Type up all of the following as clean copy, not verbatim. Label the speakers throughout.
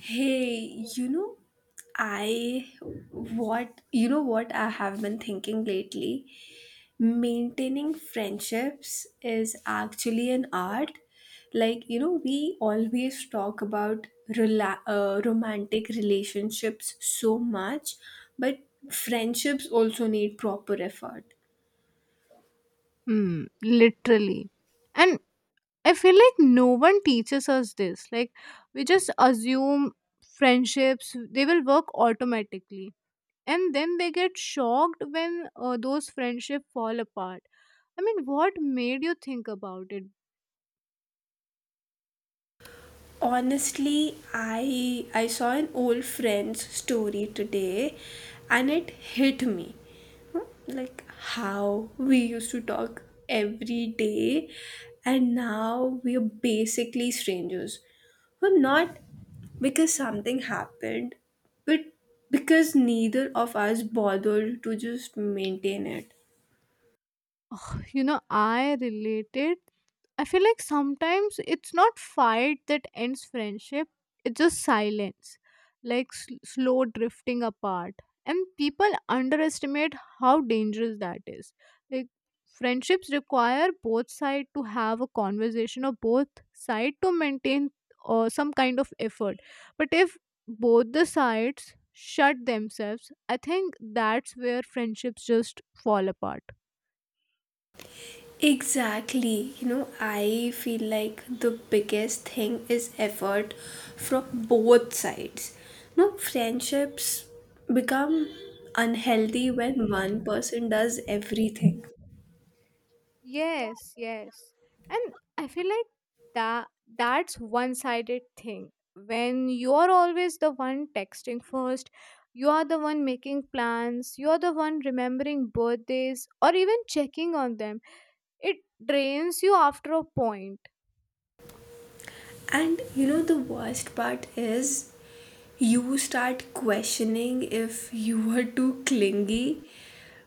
Speaker 1: Hey, you know, I what what I have been thinking lately? Maintaining friendships is actually an art. Like, you know, we always talk about romantic relationships so much, but friendships also need proper effort.
Speaker 2: Mm, literally. And I feel like no one teaches us this. Like, we just assume friendships, they will work automatically. And then they get shocked when those friendships fall apart. I mean, what made you think about it?
Speaker 1: Honestly, I saw an old friend's story today, and it hit me. Like how we used to talk every day, and now we are basically strangers. Well, not because something happened, but because neither of us bothered to just maintain it.
Speaker 2: You know, I related. I feel like sometimes it's not fight that ends friendship, it's just silence, like slow drifting apart. And people underestimate how dangerous that is. Like, friendships require both sides to have a conversation or both side to maintain some kind of effort. But if both the sides shut themselves, I think that's where friendships just fall apart.
Speaker 1: Exactly. You know, I feel like the biggest thing is effort from both sides. No, friendships become unhealthy when one person does everything.
Speaker 2: Yes, yes. And I feel like that that's one-sided thing. When you're always the one texting first, you are the one making plans, you're the one remembering birthdays or even checking on them. It drains you after a point.
Speaker 1: And you know, the worst part is you start questioning if you were too clingy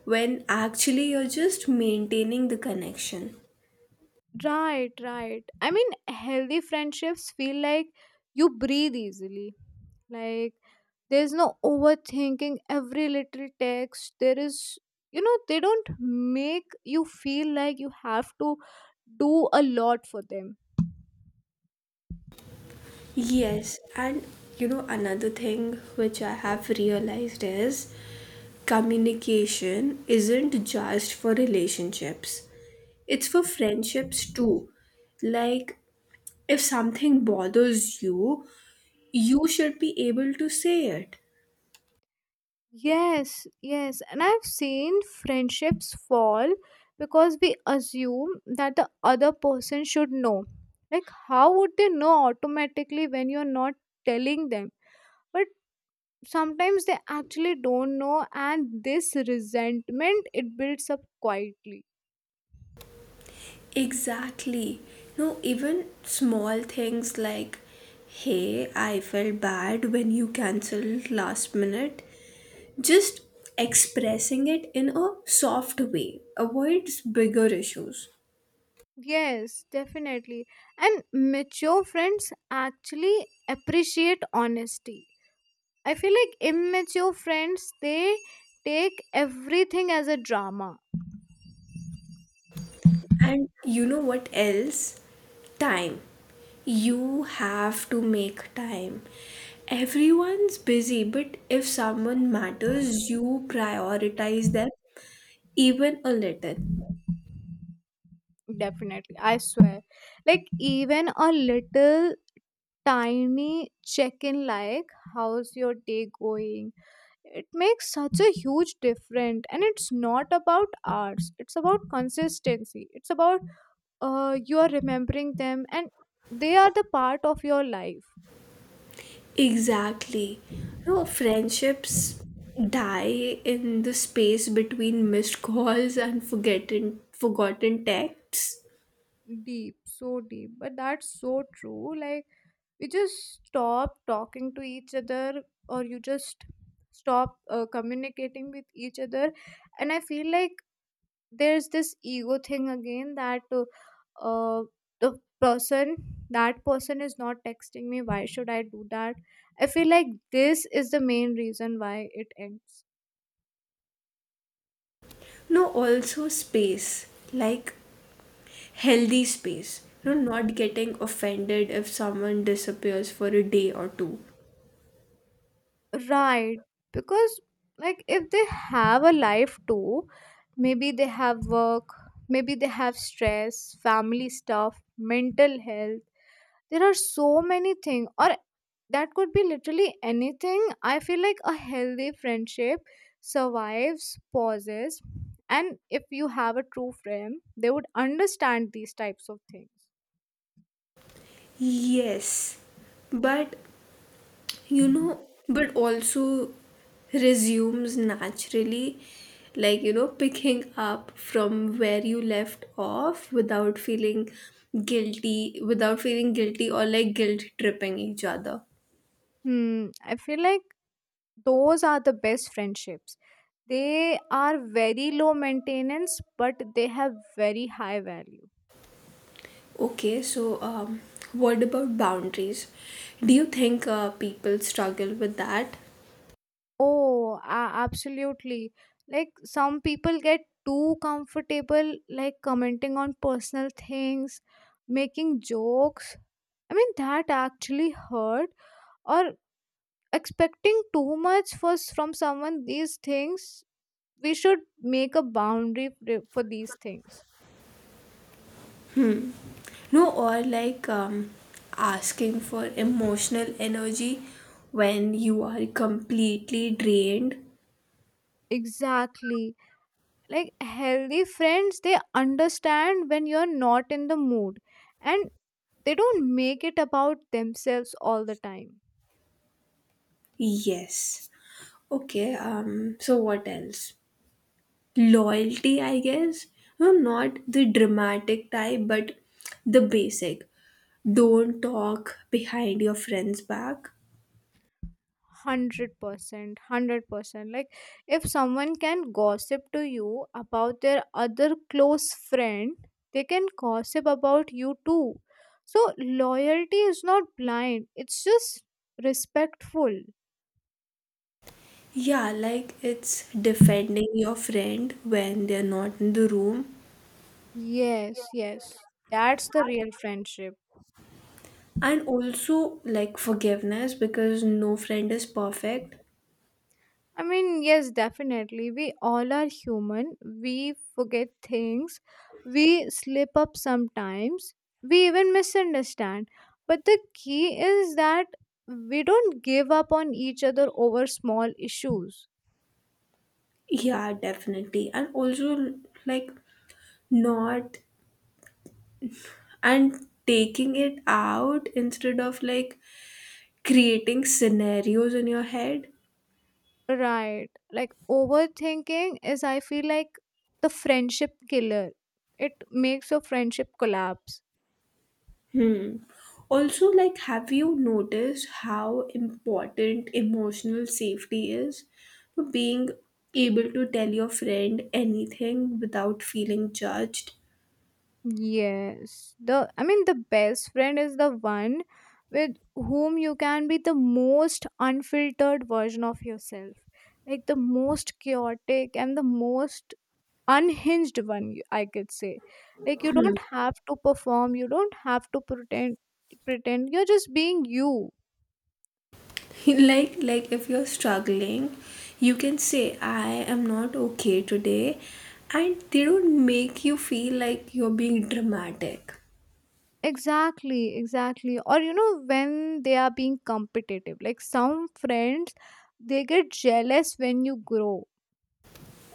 Speaker 1: when actually you're just maintaining the connection.
Speaker 2: Right, right. I mean, healthy friendships feel like you breathe easily. Like, there's no overthinking every little text. There is, you know, they don't make you feel like you have to do a lot for them.
Speaker 1: Yes, and you know, another thing which I have realized is communication isn't just for relationships, it's for friendships too. Like, if something bothers you, you should be able to say it.
Speaker 2: Yes, yes, and I've seen friendships fall because we assume that the other person should know. Like, how would they know automatically when you're not telling them? But sometimes they actually don't know, and this resentment, it builds up quietly.
Speaker 1: Exactly. No, even small things like, hey, I felt bad when you cancelled last minute. Just expressing it in a soft way avoids bigger issues.
Speaker 2: Yes, definitely. And mature friends actually appreciate honesty. I feel like immature friends, they take everything as a drama.
Speaker 1: And you know what else? Time. You have to make time. Everyone's busy, but if someone matters, you prioritize them even a little.
Speaker 2: Definitely, I swear. Like, even a little tiny check in, like, how's your day going? It makes such a huge difference. And it's not about hours, it's about consistency, it's about you are remembering them and they are the part of your life.
Speaker 1: Exactly. No, friendships die in the space between missed calls and forgotten texts.
Speaker 2: Deep, so deep, but that's so true. Like, we just stop talking to each other, or you just stop communicating with each other. And I feel like there's this ego thing again, that uh, the person that person is not texting me, why should I do that? I feel like this is the main reason why it ends.
Speaker 1: No, also space, like healthy space. No, not getting offended if someone disappears for a day or two.
Speaker 2: Right. Because, like, if they have a life too, maybe they have work, maybe they have stress, family stuff, mental health. There are so many things, or that could be literally anything. I feel like a healthy friendship survives, pauses, and if you have a true friend, they would understand these types of things.
Speaker 1: Yes, but you know, but also resumes naturally, like you know, picking up from where you left off without feeling guilty without feeling guilty, or like guilt tripping each other.
Speaker 2: Hmm, I feel like those are the best friendships. They are very low maintenance, but they have very high value.
Speaker 1: Okay, so what about boundaries? Do you think people struggle with that?
Speaker 2: Oh, absolutely. Like, some people get too comfortable, like commenting on personal things, making jokes. I mean, that actually hurt. Or expecting too much from someone. These things we should make a boundary for these things.
Speaker 1: Hmm, no, or like asking for emotional energy when you are completely drained.
Speaker 2: Exactly. Like, healthy friends, they understand when you're not in the mood, and they don't make it about themselves all the time.
Speaker 1: Yes. Okay. So what else? Loyalty, I guess. No, not the dramatic type, but the basic. Don't talk behind your friend's back.
Speaker 2: 100%, 100%. Like, if someone can gossip to you about their other close friend, they can gossip about you too. So loyalty is not blind, it's just respectful.
Speaker 1: Yeah, like it's defending your friend when they're not in the room.
Speaker 2: Yes, yes, that's the real friendship.
Speaker 1: And also like forgiveness, because no friend is perfect.
Speaker 2: I mean, yes, definitely. We all are human. We forget things. We slip up sometimes. We even misunderstand. But the key is that we don't give up on each other over small issues.
Speaker 1: Yeah, definitely. And also like not and taking it out instead of like creating scenarios in your head.
Speaker 2: Right. Like, overthinking is, I feel like, the friendship killer. It makes your friendship collapse.
Speaker 1: Hmm. Also, like, have you noticed how important emotional safety is? For being able to tell your friend anything without feeling judged.
Speaker 2: Yes, the, I mean, the best friend is the one with whom you can be the most unfiltered version of yourself. Like the most chaotic and the most unhinged one, you- I could say. Like, you don't have to perform, you don't have to pretend, you're just being you.
Speaker 1: Like, if you're struggling, you can say, "I am not okay today," and they don't make you feel like you're being dramatic.
Speaker 2: Exactly, exactly. Or you know when they are being competitive. Like, some friends, they get jealous when you grow.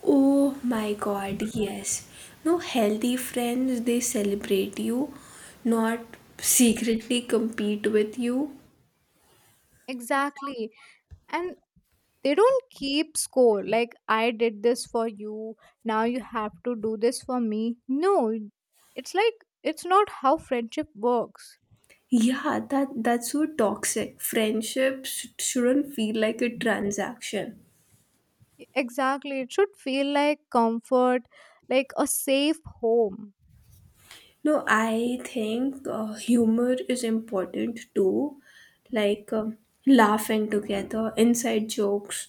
Speaker 1: Oh my god, yes. No, healthy friends, they celebrate you, not secretly compete with you.
Speaker 2: Exactly. And they don't keep score, like I did this for you, now you have to do this for me. No, it's like, it's not how friendship works.
Speaker 1: Yeah, that that's so toxic. Friendships shouldn't feel like a transaction.
Speaker 2: E, exactly, it should feel like comfort, like a safe home.
Speaker 1: No, I think humor is important too, like laughing together, inside jokes.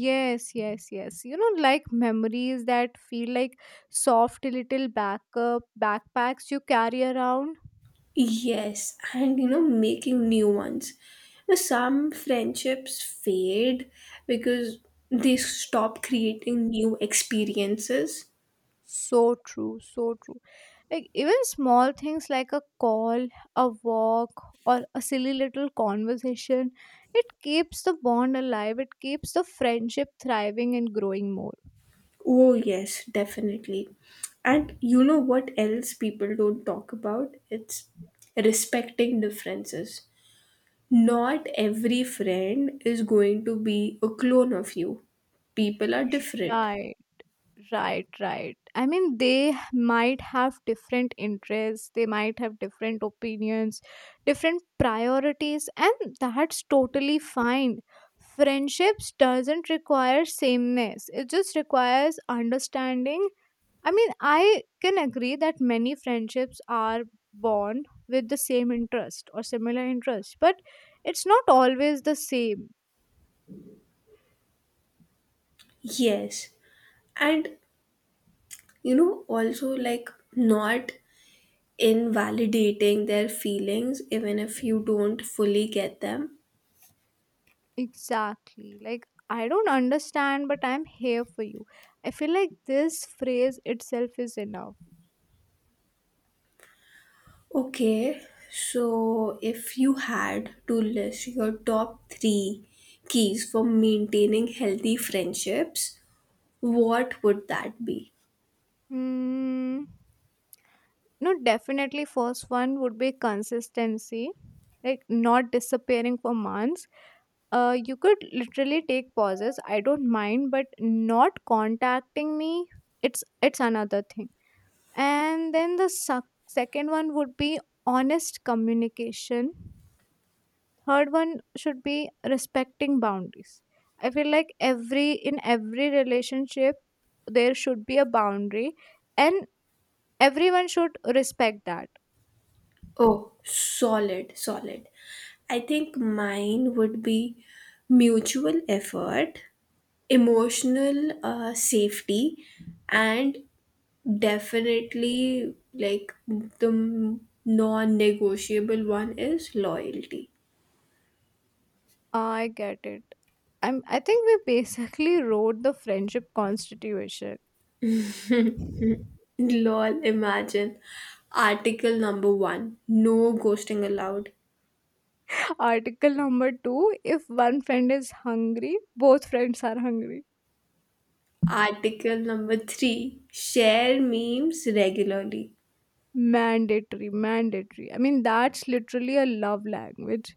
Speaker 2: Yes, yes, yes, you know, like memories that feel like soft little backup backpacks you carry around.
Speaker 1: Yes, and you know, making new ones. Now, some friendships fade because they stop creating new experiences.
Speaker 2: So true, so true. Like, even small things like a call, a walk, or a silly little conversation, it keeps the bond alive. It keeps the friendship thriving and growing more.
Speaker 1: Oh, yes, definitely. And you know what else people don't talk about? It's respecting differences. Not every friend is going to be a clone of you, people are different.
Speaker 2: Right, right, right. I mean, they might have different interests, they might have different opinions, different priorities, and that's totally fine. Friendships doesn't require sameness. It just requires understanding. I mean, I can agree that many friendships are born with the same interest or similar interest, but it's not always the same.
Speaker 1: Yes. And you know, also like not invalidating their feelings even if you don't fully get them.
Speaker 2: Exactly. Like, I don't understand, but I'm here for you. I feel like this phrase itself is enough.
Speaker 1: Okay, so if you had to list your top three keys for maintaining healthy friendships, what would that be?
Speaker 2: Mm, no, definitely, first one would be consistency, like not disappearing for months. You could literally take pauses. I don't mind, but not contacting me, it's another thing. And then the suc second one would be honest communication. Third one should be respecting boundaries. I feel like every in every relationship there should be a boundary, and everyone should respect that.
Speaker 1: Oh, solid, solid. I think mine would be mutual effort, emotional safety, and definitely, like the non-negotiable one is loyalty.
Speaker 2: I get it. I think we basically wrote the friendship constitution.
Speaker 1: Lol, imagine. Article number one, no ghosting allowed.
Speaker 2: Article number two, if one friend is hungry, both friends are hungry.
Speaker 1: Article number three, share memes regularly.
Speaker 2: Mandatory, mandatory. I mean, that's literally a love language.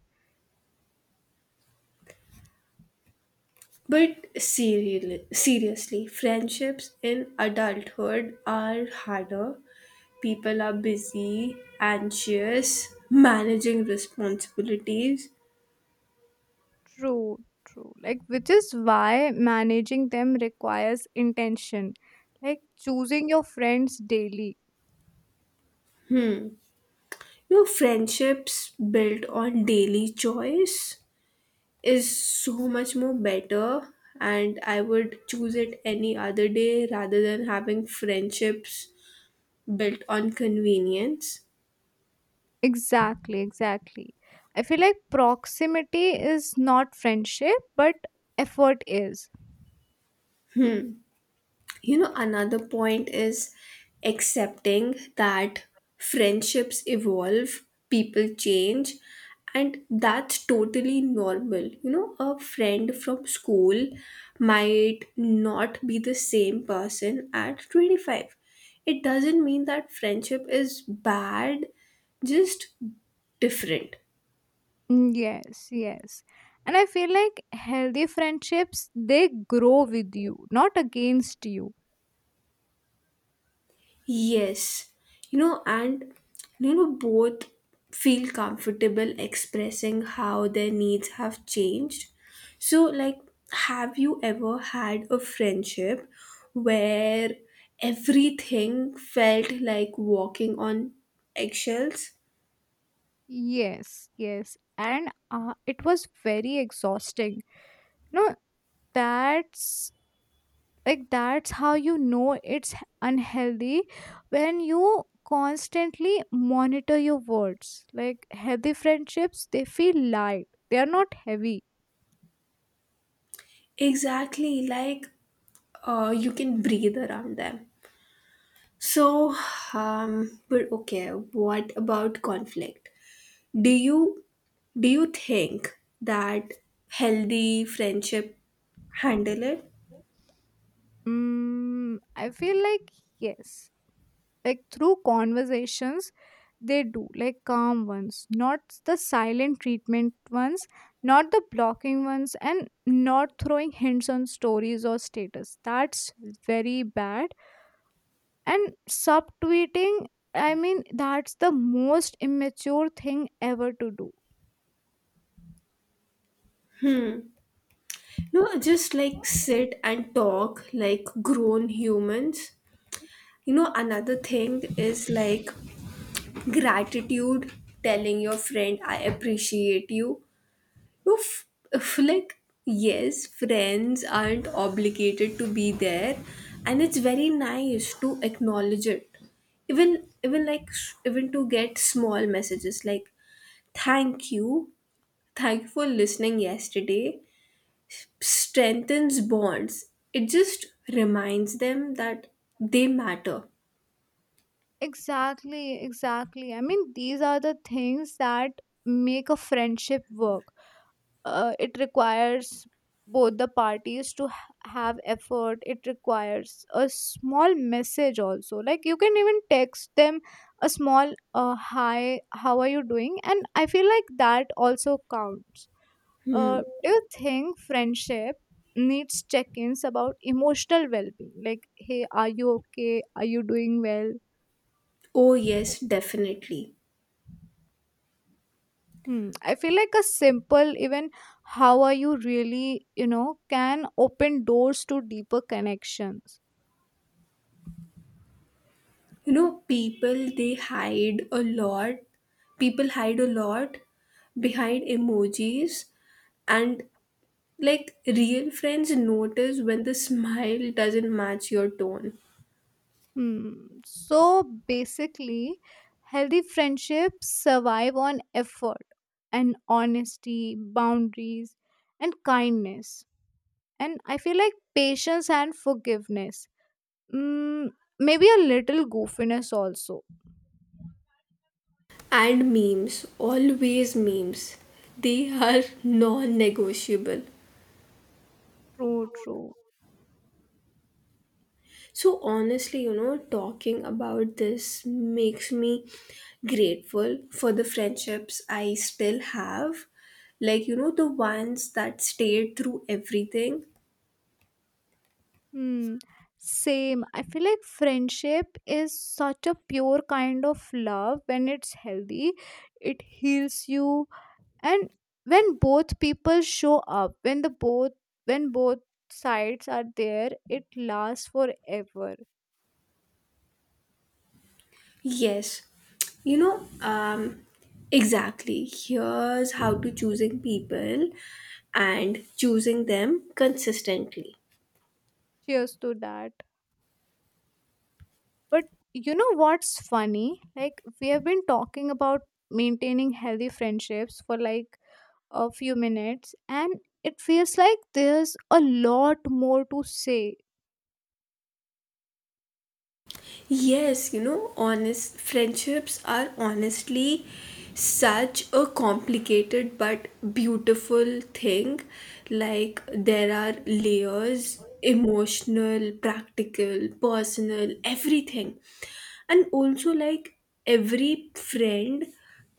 Speaker 1: But serial seriously, friendships in adulthood are harder. People are busy, anxious, managing responsibilities.
Speaker 2: True, true. Like, which is why managing them requires intention, like choosing your friends daily.
Speaker 1: No, friendships built on daily choice is so much more better, and I would choose it any other day rather than having friendships built on convenience.
Speaker 2: Exactly, exactly. I feel like proximity is not friendship, but effort is.
Speaker 1: You know, another point is accepting that friendships evolve, people change, and that's totally normal. You know, a friend from school might not be the same person at 25. It doesn't mean that friendship is bad, just different.
Speaker 2: Mm, yes, yes. And I feel like healthy friendships, they grow with you, not against you.
Speaker 1: Yes, you know, and you know, both feel comfortable expressing how their needs have changed. So, like, have you ever had a friendship where everything felt like walking on eggshells?
Speaker 2: Yes, yes. And it was very exhausting. No, that's, like, that's how you know it's unhealthy, when you constantly monitor your words. Like, healthy friendships, they feel light. They are not heavy.
Speaker 1: Exactly, like, you can breathe around them. So, but okay, what about conflict? Do you Do you think that healthy friendship handle it?
Speaker 2: Mm, I feel like yes. Like, through conversations they do, like calm ones, not the silent treatment ones, not the blocking ones, and not throwing hints on stories or status, that's very bad. And subtweeting, I mean, that's the most immature thing ever to do.
Speaker 1: No, just like sit and talk like grown humans. You know, another thing is like gratitude, telling your friend, I appreciate you. You f- like, yes, friends aren't obligated to be there, and it's very nice to acknowledge it. Even like even to get small messages like thank you. Thank you for listening yesterday. Strengthens bonds. It just reminds them that they matter.
Speaker 2: Exactly, exactly. I mean, these are the things that make a friendship work. Uh, it requires both the parties to have effort. It requires a small message also. Like, you can even text them a small hi, how are you doing? And I feel like that also counts. Uh, do you think friendship needs check-ins about emotional well-being, like, hey, are you okay, are you doing well?
Speaker 1: Oh, yes, definitely.
Speaker 2: Hmm. I feel like a simple, even how are you really, you know, can open doors to deeper connections.
Speaker 1: You know, people, they hide a lot. People hide a lot behind emojis. And like real friends notice when the smile doesn't match your tone.
Speaker 2: Hmm. So basically, healthy friendships survive on effort and honesty, boundaries, and kindness. And I feel like patience and forgiveness. Mm, maybe a little goofiness also.
Speaker 1: And memes, always memes. They are non negotiable.
Speaker 2: True, true.
Speaker 1: So honestly, you know, talking about this makes me grateful for the friendships I still have. Like, you know, the ones that stayed through everything.
Speaker 2: Hmm. Same. I feel like friendship is such a pure kind of love when it's healthy. It heals you, and when both people show up, when the both, when both sides are there, it lasts forever.
Speaker 1: Yes. You know, exactly. Here's how to choosing people and choosing them consistently.
Speaker 2: Cheers to that. But you know what's funny? Like, we have been talking about maintaining healthy friendships for like a few minutes, and it feels like there's a lot more to say.
Speaker 1: Yes, you know, honest friendships are honestly such a complicated but beautiful thing. Like, there are layers emotional, practical, personal, everything. And also, like, every friend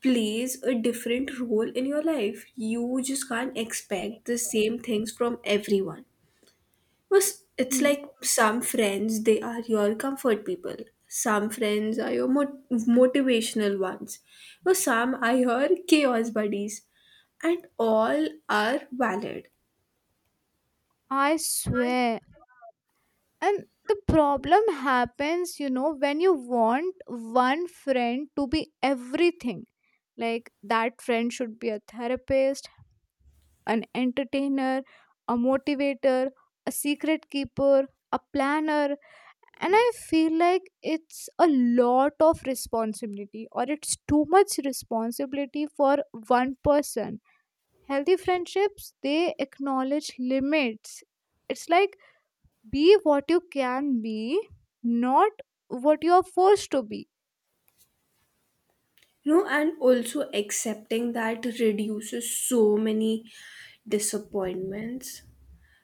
Speaker 1: plays a different role in your life. You just can't expect the same things from everyone. Was it's like
Speaker 2: Mm,
Speaker 1: some friends, they are your comfort people. Some friends are your motivational ones. Well, some are your chaos buddies, and all are valid.
Speaker 2: I swear. And the problem happens, you know, when you want one friend to be everything. Like, that friend should be a therapist, an entertainer, a motivator, a secret keeper, a planner. And I feel like it's a lot of responsibility, or it's too much responsibility for one person. Healthy friendships, they acknowledge limits. It's like, be what you can be, not what you are forced to be.
Speaker 1: You know, and also accepting that reduces so many disappointments.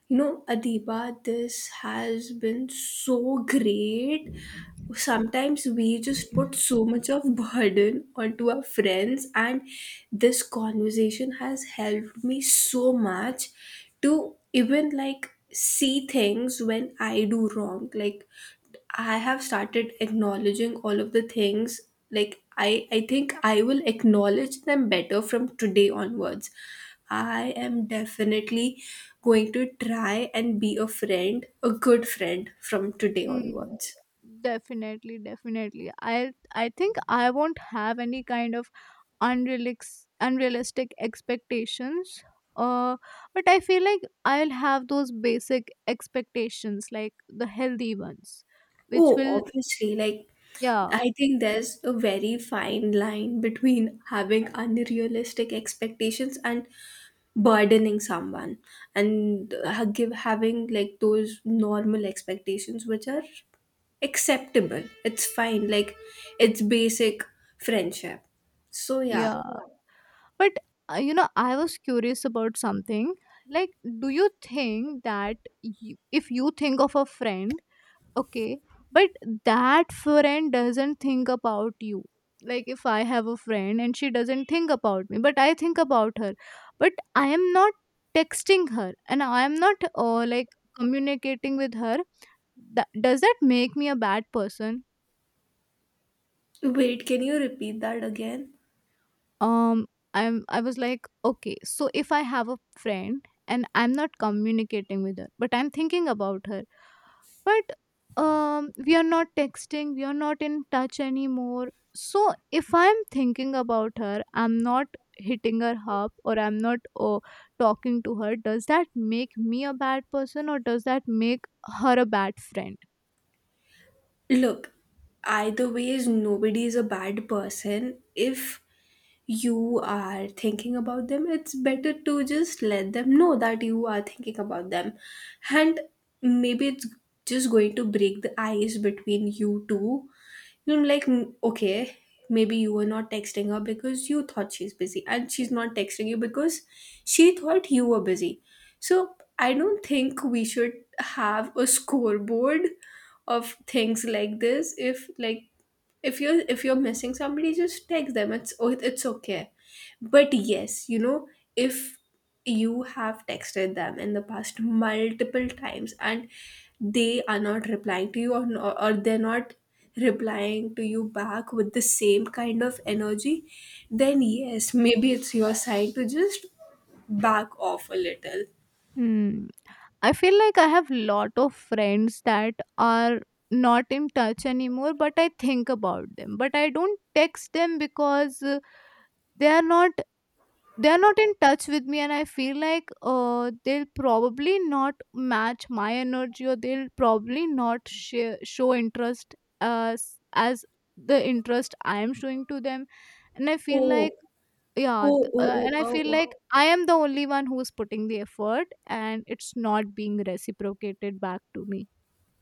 Speaker 1: You know, Adiba, this has been so great. Sometimes we just put so much of burden onto our friends, and this conversation has helped me so much to even like see things when I do wrong. Like, I have started acknowledging all of the things. Like, I think I will acknowledge them better from today onwards. I am definitely going to try and be a friend, a good friend from today
Speaker 2: Hmm.
Speaker 1: onwards.
Speaker 2: Definitely, definitely. I think I won't have any kind of unrealistic expectations. Uh, but I feel like I'll have those basic expectations, like the healthy ones, which
Speaker 1: Oh,
Speaker 2: will
Speaker 1: obviously, like
Speaker 2: yeah,
Speaker 1: I think there's a very fine line between having unrealistic expectations and burdening someone, and give having like those normal expectations which are acceptable. It's fine, like it's basic friendship. So yeah.
Speaker 2: yeah. But you know, I was curious about something. Like, do you think that you, if you think of a friend, okay, but that friend doesn't think about you? Like, if I have a friend and she doesn't think about me but I think about her, but I am not texting her, and I am not, like, communicating with her, that, does that make me a bad person?
Speaker 1: Wait, can you repeat that again?
Speaker 2: um I'm, I was like, okay, so if I have a friend and I'm not communicating with her but I'm thinking about her, but we are not texting, we are not in touch anymore. So, if I'm thinking about her, I'm not hitting her up, or I'm not, uh, talking to her, does that make me a bad person, or does that make her a bad friend?
Speaker 1: Look, either ways, nobody is a bad person. If you are thinking about them, it's better to just let them know that you are thinking about them. And maybe it's just going to break the ice between you two. You are like, "Mm, okay, maybe you were not texting her because you thought she's busy, and she's not texting you because she thought you were busy." So I don't think we should have a scoreboard of things like this. If you're missing somebody, just text them. It's it's okay. But yes, you know, if you have texted them in the past multiple times and they are not replying to you, no, or they're not replying to you back with the same kind of energy, then yes, maybe it's your sign to just back off a little.
Speaker 2: Hmm. I feel like I have lot of friends that are not in touch anymore, but I think about them. But I don't text them because they are not, they are not in touch with me. And I feel like they'll probably not match my energy, or they'll probably not show interest as the interest I am showing to them. And I feel
Speaker 1: Oh,
Speaker 2: like yeah,
Speaker 1: oh, oh, oh,
Speaker 2: and I
Speaker 1: oh,
Speaker 2: feel
Speaker 1: oh.
Speaker 2: like I am the only one who's putting the effort, and it's not being reciprocated back to me.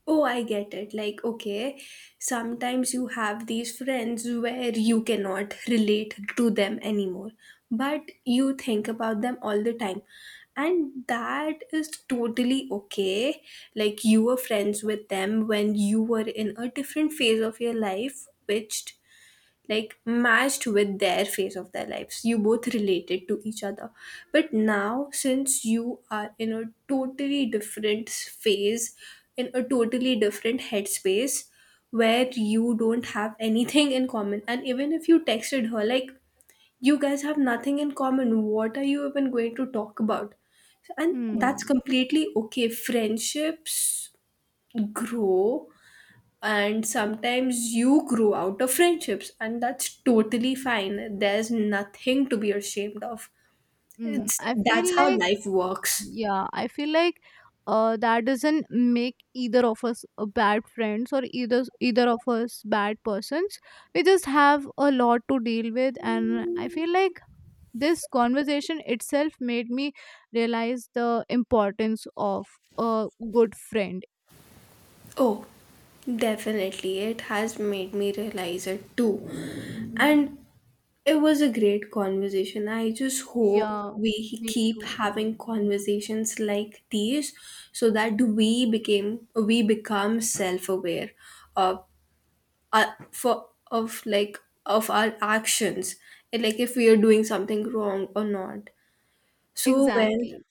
Speaker 1: Oh, I get it. Like, okay, sometimes you have these friends where you cannot relate to them anymore, but you think about them all the time. And that is totally okay. Like, you were friends with them when you were in a different phase of your life, which like matched with their phase of their lives. You both related to each other, but now since you are in a totally different phase, in a totally different headspace, where you don't have anything in common, and even if you texted her, like, you guys have nothing in common, what are you even going to talk about? And that's
Speaker 2: Hmm.
Speaker 1: completely okay. Friendships grow, and sometimes you grow out of friendships, and that's totally fine. There's nothing to be ashamed of.
Speaker 2: Hmm.
Speaker 1: It's
Speaker 2: I
Speaker 1: That's
Speaker 2: feel
Speaker 1: how
Speaker 2: like
Speaker 1: life works.
Speaker 2: yeah, I feel like that doesn't make either of us a bad friends, or either of us bad persons. We just have a lot to deal with, and I feel like this conversation itself made me realize the importance of a good friend.
Speaker 1: Oh, definitely, it has made me realize it too. And it was a great conversation. I just hope
Speaker 2: Yeah,
Speaker 1: we
Speaker 2: me
Speaker 1: keep
Speaker 2: too.
Speaker 1: having conversations like these, so that we become self-aware of for of like of our actions, and like if we are doing something wrong or not. So well.
Speaker 2: Exactly.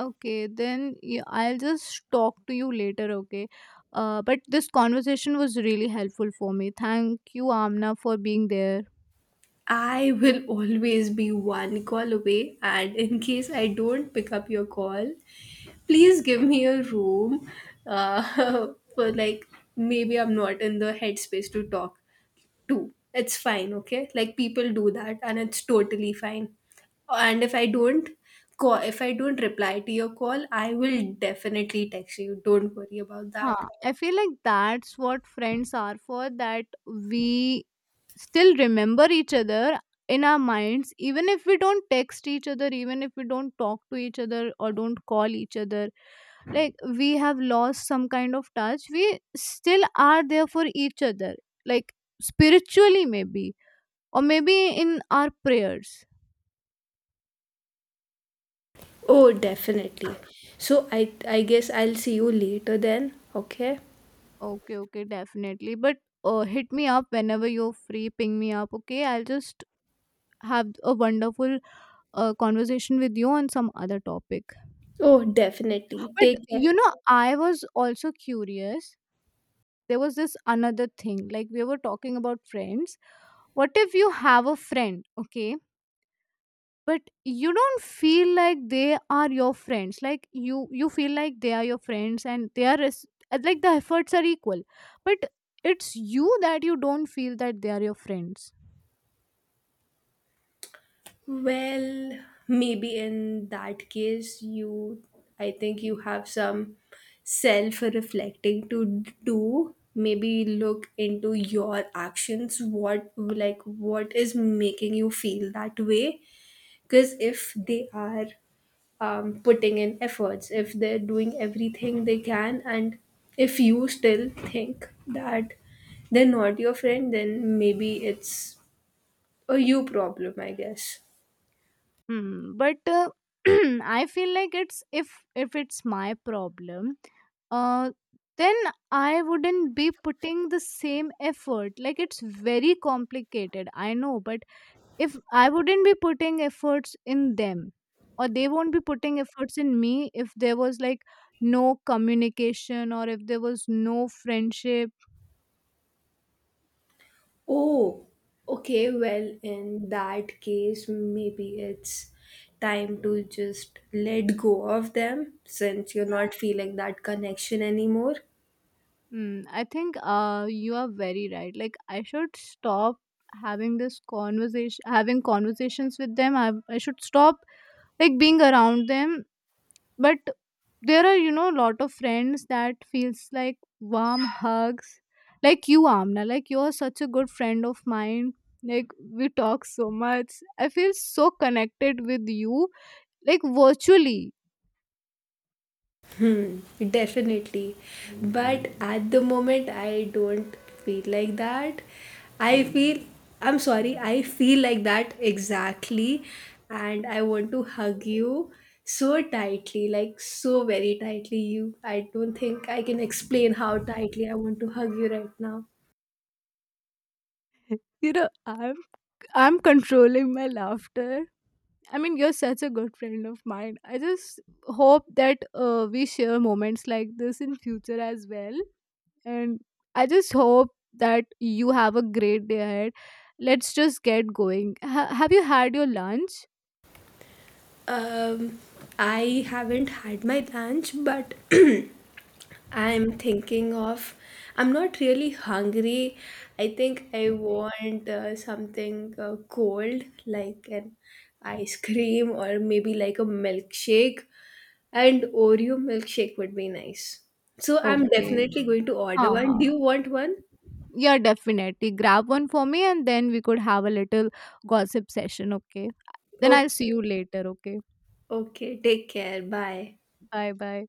Speaker 2: Okay, then yeah, I'll just talk to you later, okay? But this conversation was really helpful for me. Thank you, Amna, for being there.
Speaker 1: I will always be one call away, and in case I don't pick up your call, please give me a room, uh, for like maybe I'm not in the headspace to talk to. It's fine, okay? Like people do that, and it's totally fine. And if I don't call, if I don't reply to your call, I will definitely text you. Don't worry about that.
Speaker 2: Huh. I feel like that's what friends are for, that we still remember each other in our minds, even if we don't text each other, even if we don't talk to each other or don't call each other. Like, we have lost some kind of touch, we still are there for each other. Like, spiritually maybe, or maybe in our prayers.
Speaker 1: Oh, definitely. So I guess I'll see you later then, okay?
Speaker 2: Okay, okay, definitely. But hit me up whenever you're free. Ping me up, okay? I'll just have a wonderful conversation with you on some other topic.
Speaker 1: Oh, definitely. Take
Speaker 2: But
Speaker 1: care.
Speaker 2: you know, I was also curious. There was this another thing, like, we were talking about friends. What if you have a friend, okay, but you don't feel like they are your friends? Like, you feel like they are your friends and they are like the efforts are equal, but it's you that you don't feel that they are your friends.
Speaker 1: Well, maybe in that case, I think you have some self reflecting to do. Maybe look into your actions. Like, what is making you feel that way? Because if they are putting in efforts, if they're doing everything they can, and if you still think that they're not your friend, then maybe it's a you problem, I guess.
Speaker 2: Hmm, but I feel like it's, if it's my problem, uh, then I wouldn't be putting the same effort. Like, it's very complicated, I know, but if I wouldn't be putting efforts in them, or they won't be putting efforts in me, if there was like no communication, or if there was no friendship.
Speaker 1: Oh, okay. Well, in that case, maybe it's time to just let go of them since you're not feeling that connection anymore.
Speaker 2: Mm, I think you are very right. Like, I should stop having this conversation, having conversations with them. I should stop, like, being around them. But there are, you know, a lot of friends that feels like warm hugs, like you, Amna. Like, you are such a good friend of mine. Like, we talk so much. I feel so connected with you, like virtually.
Speaker 1: Hmm, definitely. But at the moment, I don't feel like that. I feel, I'm sorry, I feel like that exactly. And I want to hug you so tightly, like so very tightly. I don't think I can explain how tightly I want to hug you right now.
Speaker 2: You know, I'm controlling my laughter. I mean, you're such a good friend of mine. I just hope that we share moments like this in future as well. And I just hope that you have a great day ahead. Let's just get going. Have you had your lunch?
Speaker 1: Um, I haven't had my lunch, but I'm thinking of, I'm not really hungry. I think I want something cold, like an ice cream or maybe like a milkshake. And Oreo milkshake would be nice. So I'm
Speaker 2: Okay.
Speaker 1: definitely going to order
Speaker 2: Huh,
Speaker 1: one. Do
Speaker 2: huh.
Speaker 1: you want one?
Speaker 2: Yeah, definitely. Grab one for me and then we could have a little gossip session, okay? Then I'll see
Speaker 1: Okay.
Speaker 2: you later, okay?
Speaker 1: Okay. Take care. Bye.
Speaker 2: Bye bye.